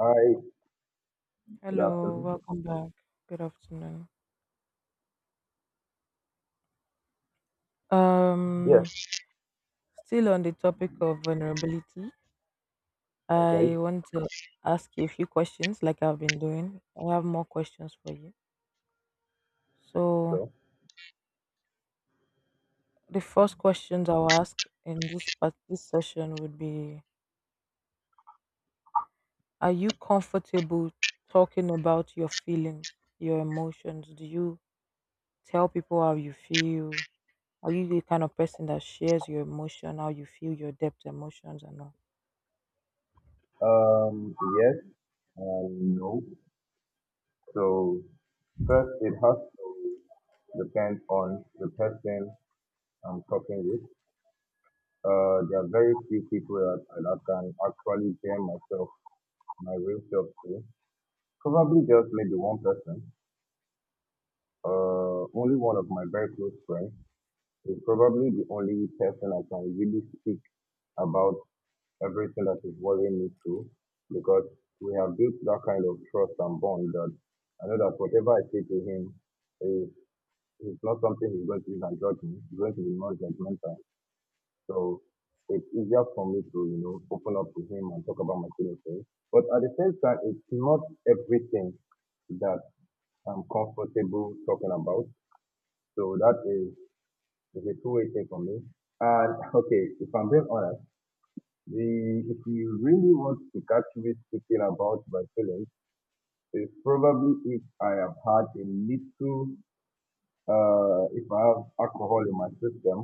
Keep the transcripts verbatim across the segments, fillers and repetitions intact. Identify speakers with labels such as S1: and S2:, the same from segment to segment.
S1: Hi, good
S2: Hello,
S1: afternoon.
S2: welcome back. Good afternoon. Um,
S1: Yes,
S2: Still on the topic of vulnerability,
S1: okay,
S2: I want to ask you a few questions like I've been doing. I have more questions for you. So,
S1: sure.
S2: the first questions I'll ask in this part, this session would be, are you comfortable talking about your feelings, your emotions? Do you tell people how you feel? Are you the kind of person that shares your emotion, how you feel, your depth, emotions, and all?
S1: Um, yes and no. So first, it has to depend on the person I'm talking with. Uh, there are very few people that, that can actually hear myself, my real self to. Probably just maybe one person. Uh, only one of my very close friends is probably the only person I can really speak about everything that is worrying me through because we have built that kind of trust and bond that I know that whatever I say to him is it's not something he's going to use and judge me. He's going to be more judgmental. So it's easier for me to, you know, open up to him and talk about my feelings. But at the same time, it's not everything that I'm comfortable talking about. So that is, is a two-way thing for me. And okay, if I'm being honest, The, if you really want to catch me speaking about my feelings, it's probably if I have had a little, uh, if I have alcohol in my system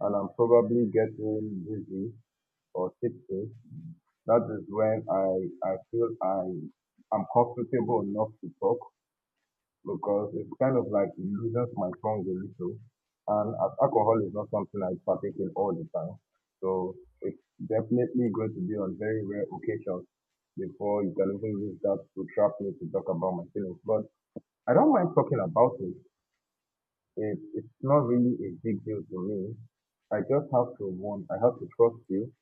S1: and I'm probably getting dizzy or tipsy, that is when I, I feel I am comfortable enough to talk because it's kind of like it loosens my tongue a little. And as alcohol is not something I partake in all the time, so it's definitely going to be on very rare occasions before you can even use that to trap me to talk about my feelings. But I don't mind talking about it. it it's not really a big deal to me. I just have to want, I have to trust you.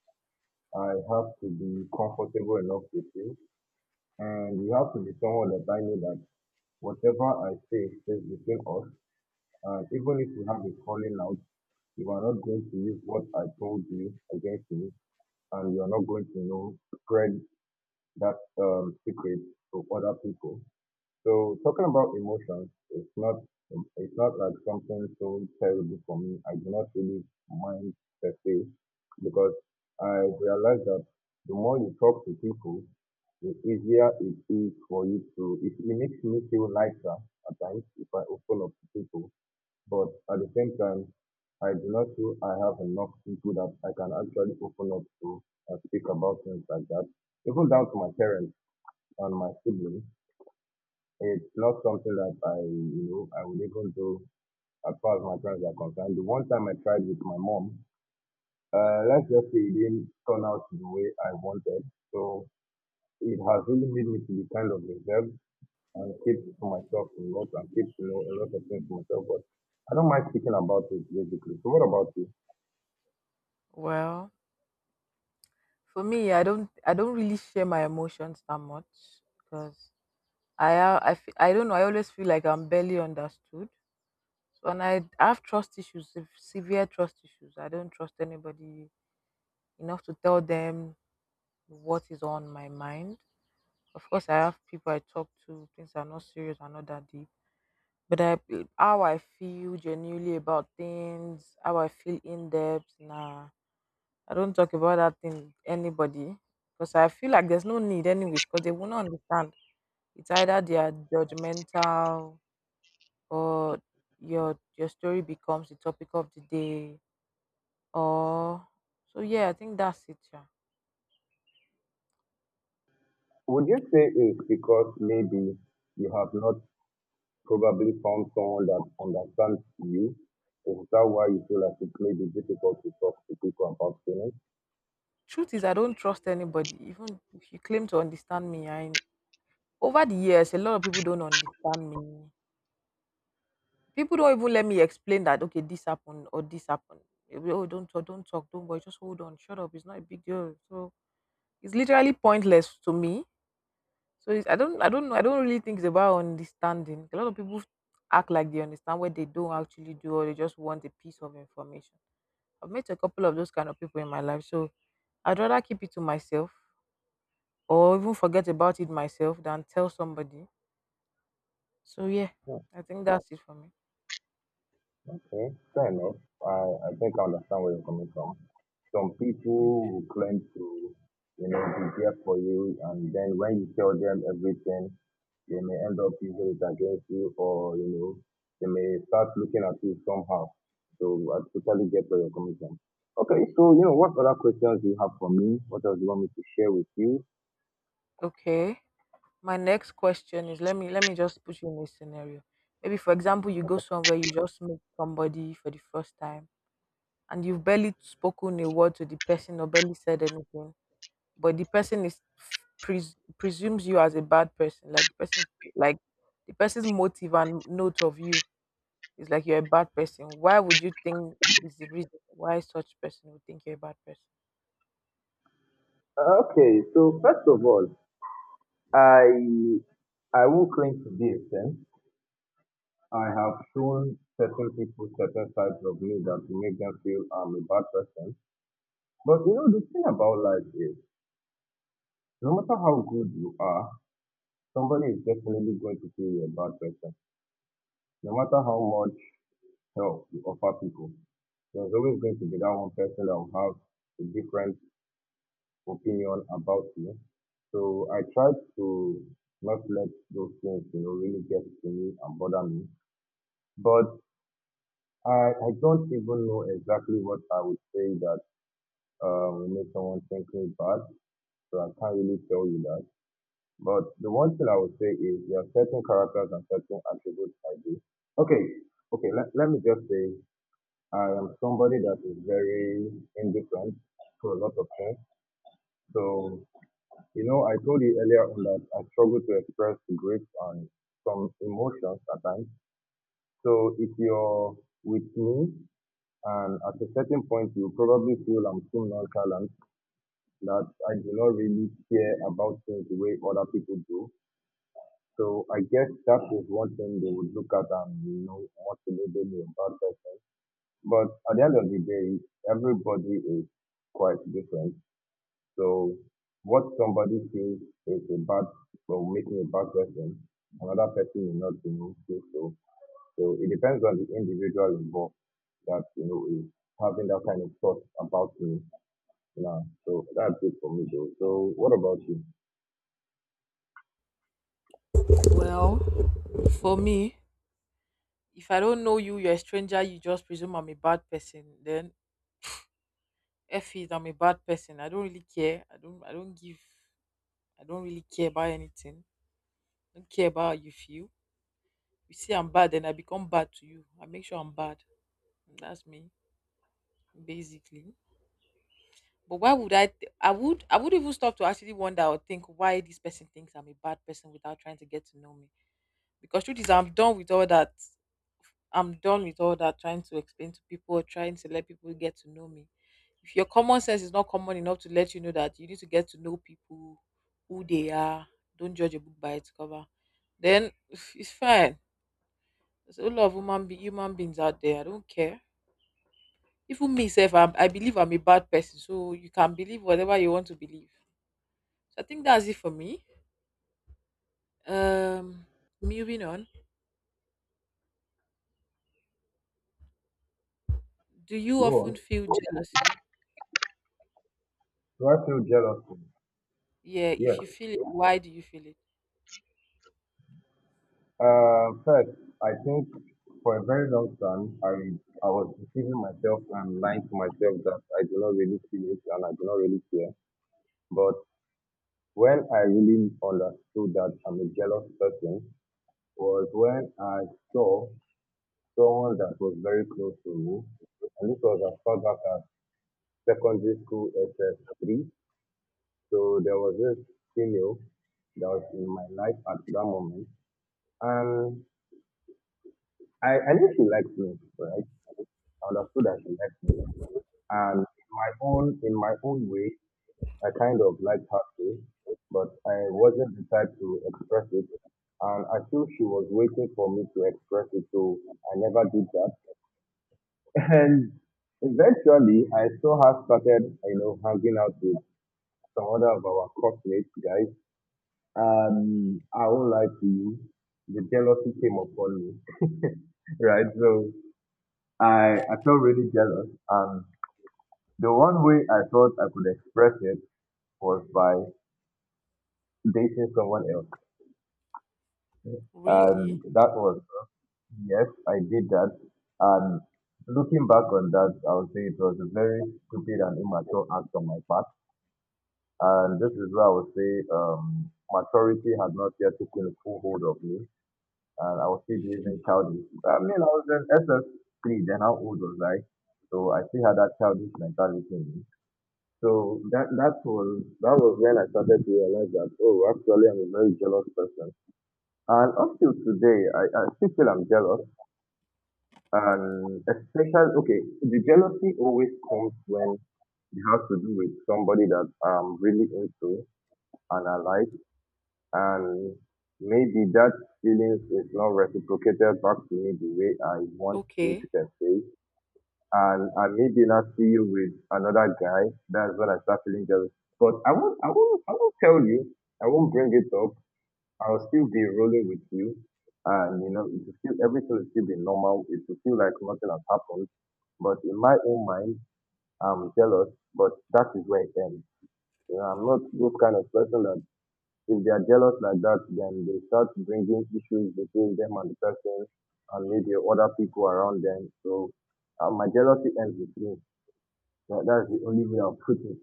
S1: I have to be comfortable enough with you. And you have to be someone that I know that whatever I say stays between us, and even if we have a falling out, you are not going to use what I told you against me, and you are not going to you know spread that um, secret to other people. So talking about emotions, it's not it's not like something so terrible for me. I do not really mind per se because I realize that the more you talk to people, the easier it is for you to. It, it makes me feel lighter at times if I open up to people, but at the same time, I do not feel I have enough people that I can actually open up to and speak about things like that, even down to my parents and my siblings. It's not something that I, you know I would even do. As far as my parents are concerned, the one time I tried with my mom, uh let's just say it didn't turn out the way I wanted. So it has really made me to be kind of reserved and keep to myself a lot and keep, you know a lot of things to myself. But I don't mind speaking about it basically. So what about you?
S2: Well, for me, I don't I don't really share my emotions that much because I ha- I fe- I don't know. I always feel like I'm barely understood. So, and I have trust issues, sev- severe trust issues. I don't trust anybody enough to tell them what is on my mind. Of course, I have people I talk to. Things are not serious, are not that deep. But I, how I feel genuinely about things, how I feel in depth, nah. I don't talk about that thing with anybody because I feel like there's no need, anyways, because they will not understand. It's either they are judgmental, or your your story becomes the topic of the day, or so yeah. I think that's it. Yeah.
S1: Would you say it's because maybe you have not probably found someone that understands you? Is that why you feel like it may be difficult to talk to people about feelings?
S2: Truth is, I don't trust anybody, even if you claim to understand me. I, over the years, a lot of people don't understand me. People don't even let me explain that. Okay, this happened or this happened. They will, oh, don't talk, don't talk, don't worry, just hold on, shut up. It's not a big deal. So it's literally pointless to me. So it's, I don't I don't know I don't really think it's about understanding. A lot of people act like they understand what they don't actually do, or they just want a piece of information. I've met a couple of those kind of people in my life, so I'd rather keep it to myself or even forget about it myself than tell somebody. So yeah,
S1: Yeah,
S2: I think that's it for me.
S1: okay, fair enough. I, I think I understand where you're coming from. Some
S2: Mm.
S1: people who claim to, you know, be there for you, and then when you tell them everything, they may end up using it against you, or you know, they may start looking at you somehow. So I totally get where you're coming from. Okay, so, you know, what other questions do you have for me? What else do you want me to share with you?
S2: Okay. My next question is, let me let me just put you in a scenario. Maybe for example you go
S1: Okay.
S2: somewhere, you just meet somebody for the first time and you've barely spoken a word to the person or barely said anything, but the person is, pres- presumes you as a bad person, like the person, like the person's motive and note of you is like you're a bad person. Why would you think is the reason why such person would think you're a bad person?
S1: Uh, Okay, so first of all, I I will claim to be a saint. I have shown certain people certain sides of me that will make them feel I'm a bad person. But you know, the thing about life is, no matter how good you are, somebody is definitely going to feel you're a bad person. No matter how much help you offer people, there's always going to be that one person that will have a different opinion about you. So I try to not let those things, you know, really get to me and bother me. But I, I don't even know exactly what I would say that um, will make someone think me bad. So I can't really tell you that. But the one thing I would say is there are certain characters and certain attributes I do. Okay, okay, let, let me just say I am somebody that is very indifferent to a lot of things. So, you know, I told you earlier on that I struggle to express grief and some emotions at times. So if you're with me and at a certain point you probably feel I'm too nonchalant, that I do not really care about things the way other people do. So I guess that is one thing they would look at and, you know, want to label me a bad person. But at the end of the day, everybody is quite different. So what somebody feels is a bad or making a bad person, another person will not, you know, feel so. So it depends on the individual involved that, you know is having that kind of thought about me. Yeah. So that's it for me though. So what about you?
S2: Well, for me, if I don't know you, you're a stranger, you just presume I'm a bad person, then F is I'm a bad person. I don't really care. I don't I don't give I don't really care about anything. I don't care about how you feel. You see I'm bad, then I become bad to you. I make sure I'm bad. That's me, basically. But why would I? th- I would. I would even stop to actually wonder or think why this person thinks I'm a bad person without trying to get to know me. Because truth is, I'm done with all that. I'm done with all that trying to explain to people, trying to let people get to know me. If your common sense is not common enough to let you know that you need to get to know people, who they are, don't judge a book by its cover. Then it's fine. There's a lot of human, be- human beings out there. I don't care. Even me self I'm, I believe I'm a bad person, so you can believe whatever you want to believe. So I think that's it for me. um Moving on, do you
S1: Go on.
S2: often feel jealousy?
S1: Do I feel jealousy?
S2: Yeah,
S1: Yes.
S2: if you feel it, why do you feel it?
S1: Uh, first, I think for a very long time, I I was deceiving myself and lying to myself that I do not really feel it and I do not really care. But when I really understood that I'm a jealous person was when I saw someone that was very close to me, and this was as far back as secondary school S S three. So there was this female that was in my life at that moment, and I, I knew she liked me, right? I understood that she liked me, and in my own in my own way, I kind of liked her too, but I wasn't the type to express it. And I feel she was waiting for me to express it, so I never did that. And eventually, I saw her started, you know, hanging out with some other of our classmates guys. Um, I won't lie to you, the jealousy came upon me, right? So I I felt really jealous, and the one way I thought I could express it was by dating someone else.
S2: Really?
S1: And that was, yes, I did that. And looking back on that, I would say it was a very stupid and immature act on my part. And this is where I would say um, maturity had not yet taken full hold of me. And I was still behaving childish. I mean, I was in S S three, then how old was I? So I still had that childish mentality in me. So that that was that was when I started to realize that, oh, actually I'm a very jealous person. And up till today, I, I still feel I'm jealous. And especially, okay, the jealousy always comes when it has to do with somebody that I'm really into and I like. And maybe that feeling is not reciprocated back to me the way I want it
S2: Okay,
S1: to be, and I maybe not see you with another guy. That's when I start feeling jealous. But I won't, I won't, I won't tell you. I won't bring it up. I'll still be rolling with you. And you know, it will still everything will still be normal. It will feel like nothing has happened. But in my own mind, I'm jealous. But that is where it ends. You know, I'm not this kind of person that if they are jealous like that, then they start bringing issues between them and the person, and maybe other people around them. So uh, my jealousy ends with me. That, that's the only way I'll put it.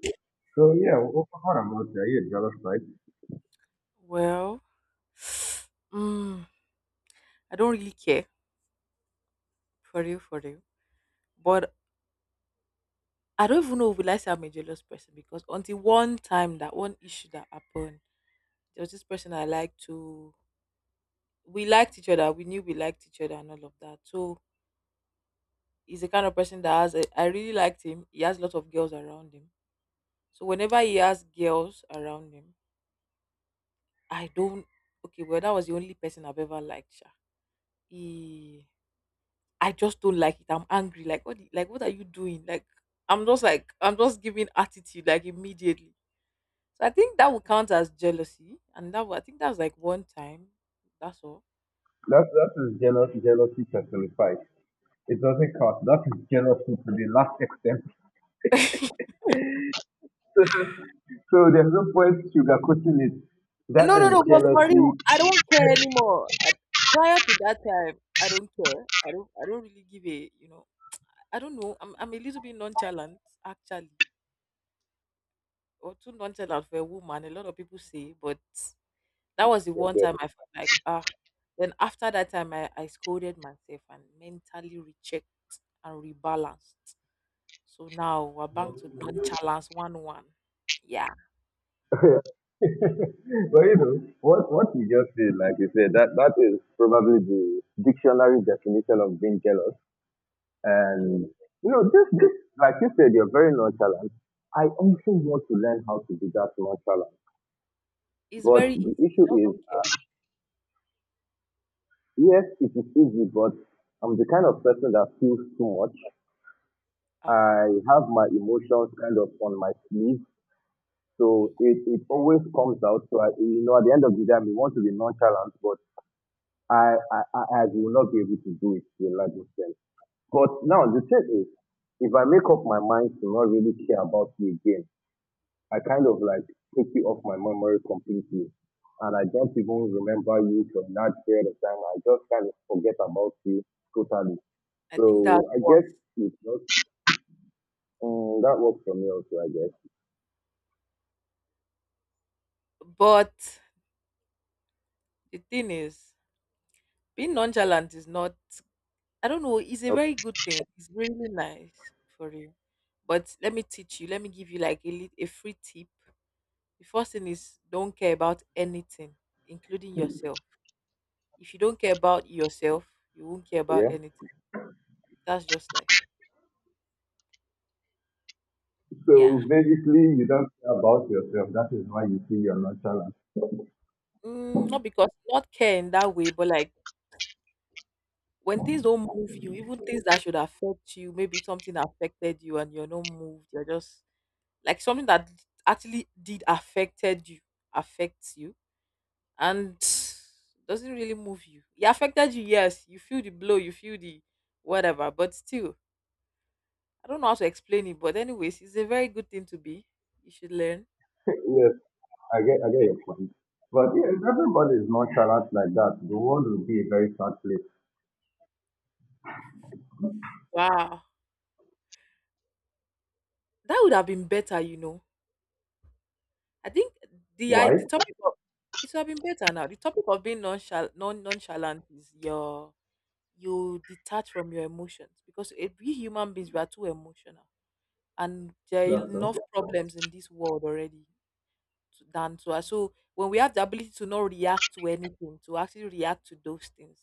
S1: So yeah, what what about you? Are you a jealous type?
S2: well, mm, I don't really care, for real for real. But I don't even know will I say I'm a jealous person, because until one time, that one issue that happened, there was this person I liked to. We liked each other, we knew we liked each other and all of that. So he's the kind of person that has a, I really liked him. He has a lot of girls around him. So whenever he has girls around him, I don't, okay, well that was the only person I've ever liked, Sha. He, I just don't like it. I'm angry. Like what the- like what are you doing? Like I'm just like I'm just giving attitude like immediately. So I think that would count as jealousy. And that would, I think that's like one time. That's all.
S1: That that is jealous jealousy personified. It doesn't count. That is jealousy to the last extent. So there's no point sugarcoating it. That
S2: No, no,
S1: is
S2: no, but for real,
S1: jealousy.
S2: I don't care anymore. I, prior to that time, I don't care. I don't I don't really give a you know. I don't know. I'm I'm a little bit nonchalant actually, or too nonchalant for a woman. A lot of people say, but that was the
S1: Yes,
S2: one
S1: yes.
S2: time I felt like ah. Then after that time, I I scolded myself and mentally rechecked and rebalanced. So now we're back to nonchalance one one. Yeah,
S1: But you know, what what you just said, like you said, that that is probably the dictionary definition of being jealous. And you know, this this like you said, you're very nonchalant. I also want to learn how to be that nonchalant.
S2: it's
S1: But
S2: very easy.
S1: the issue
S2: Just
S1: is,
S2: don't care.
S1: uh, yes, it is easy, but I'm the kind of person that feels too much.
S2: Ah,
S1: I have my emotions kind of on my sleeve.
S2: eh,
S1: So it, it always comes out. So I, you know, at the end of the day, I may want to be nonchalant, but I, I, I I will not be able to do it to a large extent. But now the thing is, if I make up my mind to not really care about you again, I kind of like take you off my memory completely. And I don't even remember you for a large period of time. I just kind of forget about you totally.
S2: I think that's
S1: So I
S2: what.
S1: guess it's not, um, that works for me also, I guess.
S2: But the thing is, being nonchalant is not. I don't know. It's a very
S1: Okay.
S2: good thing. It's really nice for you. But let me teach you. Let me give you like a, lit- a free tip. The first thing is don't care about anything, including yourself. If you don't care about yourself, you won't care about
S1: Yeah.
S2: anything. That's just life. Yeah.
S1: So basically, you don't care about yourself. That is why you see you're nonchalant.
S2: Mm, not because not care in that way, but like when things don't move you, even things that should affect you, maybe something affected you and you're not moved. You're just like something that actually did affected you affects you and doesn't really move you. It affected you, yes. You feel the blow, you feel the whatever, but still, I don't know how to explain it. But anyways, it's a very good thing to be. You should learn.
S1: Yes, I get, I get your point. But yeah, if everybody is nonchalant like that, the world will be a very sad place.
S2: Wow, that would have been better, you know. I think the I
S1: Why?
S2: the topic of it would have been better now. The topic of being nonchal- non nonchalant is your, you detach from your emotions because eh, we human beings we are too emotional, and there are
S1: Laughter.
S2: enough problems in this world already to, than to us. So when we have the ability to not react to anything, to actually react to those things,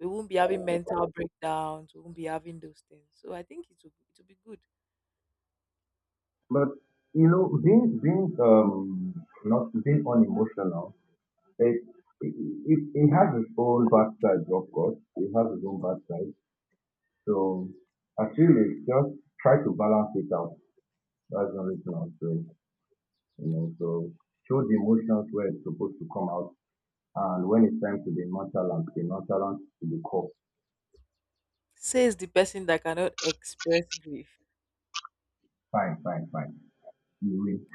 S2: we won't be having mental breakdowns. We won't be having those things. So I think it will be- it will be good.
S1: But you know, being being um not being unemotional, it it, it, it has its own bad side, of course. It has its own bad side. So actually, just try to balance it out. That's the only thing I'm saying. You know, so show the emotions where it's supposed to come out. And when it's time to be nonchalant, be nonchalant to the core.
S2: Says the person that cannot express grief.
S1: Fine, fine, fine. You win.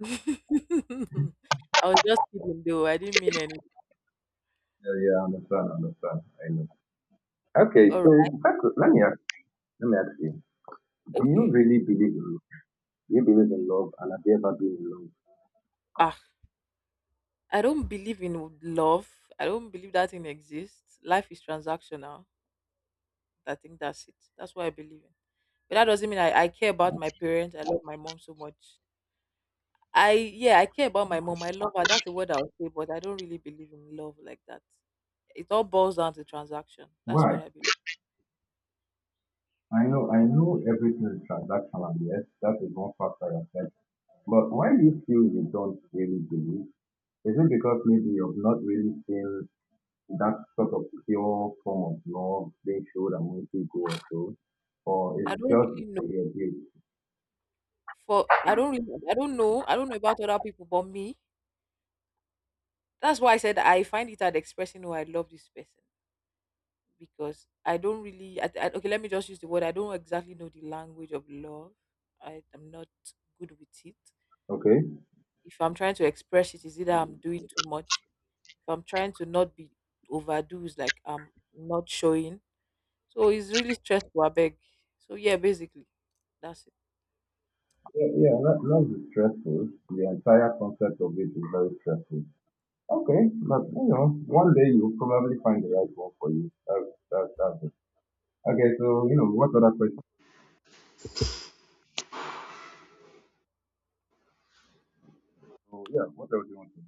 S2: I was just kidding though. I didn't mean any.
S1: Yeah, yeah, I understand, I understand. I know. Okay,
S2: All
S1: so
S2: right.
S1: back to- let me ask, let me ask you. Do you
S2: Okay.
S1: really believe in love? Do you believe in love? And have you ever been in love?
S2: Ah, I don't believe in love. I don't believe that thing exists. Life is transactional. I think that's it. That's what I believe in. But that doesn't mean I, I care about my parents. I love my mom so much. I yeah, I care about my mom. I love her. That's the word I'll say, but I don't really believe in love like that. It all boils down to transaction. That's what
S1: Why?
S2: I believe.
S1: I know, I know everything is transactional. Yes, that is one factor I said. But why do you feel you don't really believe? Is it because maybe you've not really seen that sort of pure form of love being showed among people or so, or
S2: I
S1: it's
S2: don't
S1: just
S2: really know,
S1: a bit,
S2: for I don't really I don't know. I don't know about other people but me. That's why I said I find it hard expressing oh I love this person, because I don't really I, I, okay, let me just use the word. I don't exactly know the language of love. I am not good with it.
S1: okay?
S2: If I'm trying to express it, is either I'm doing too much. If I'm trying to not be overdo, it's like I'm not showing. So it's really stressful, I beg. So yeah, basically, that's it.
S1: Yeah, yeah, that, that is stressful. The entire concept of it is very stressful. Okay, but you know, one day you'll probably find the right one for you. That's, that's, that's it. Okay, so, you know, what other questions? So, yeah, what else do you want to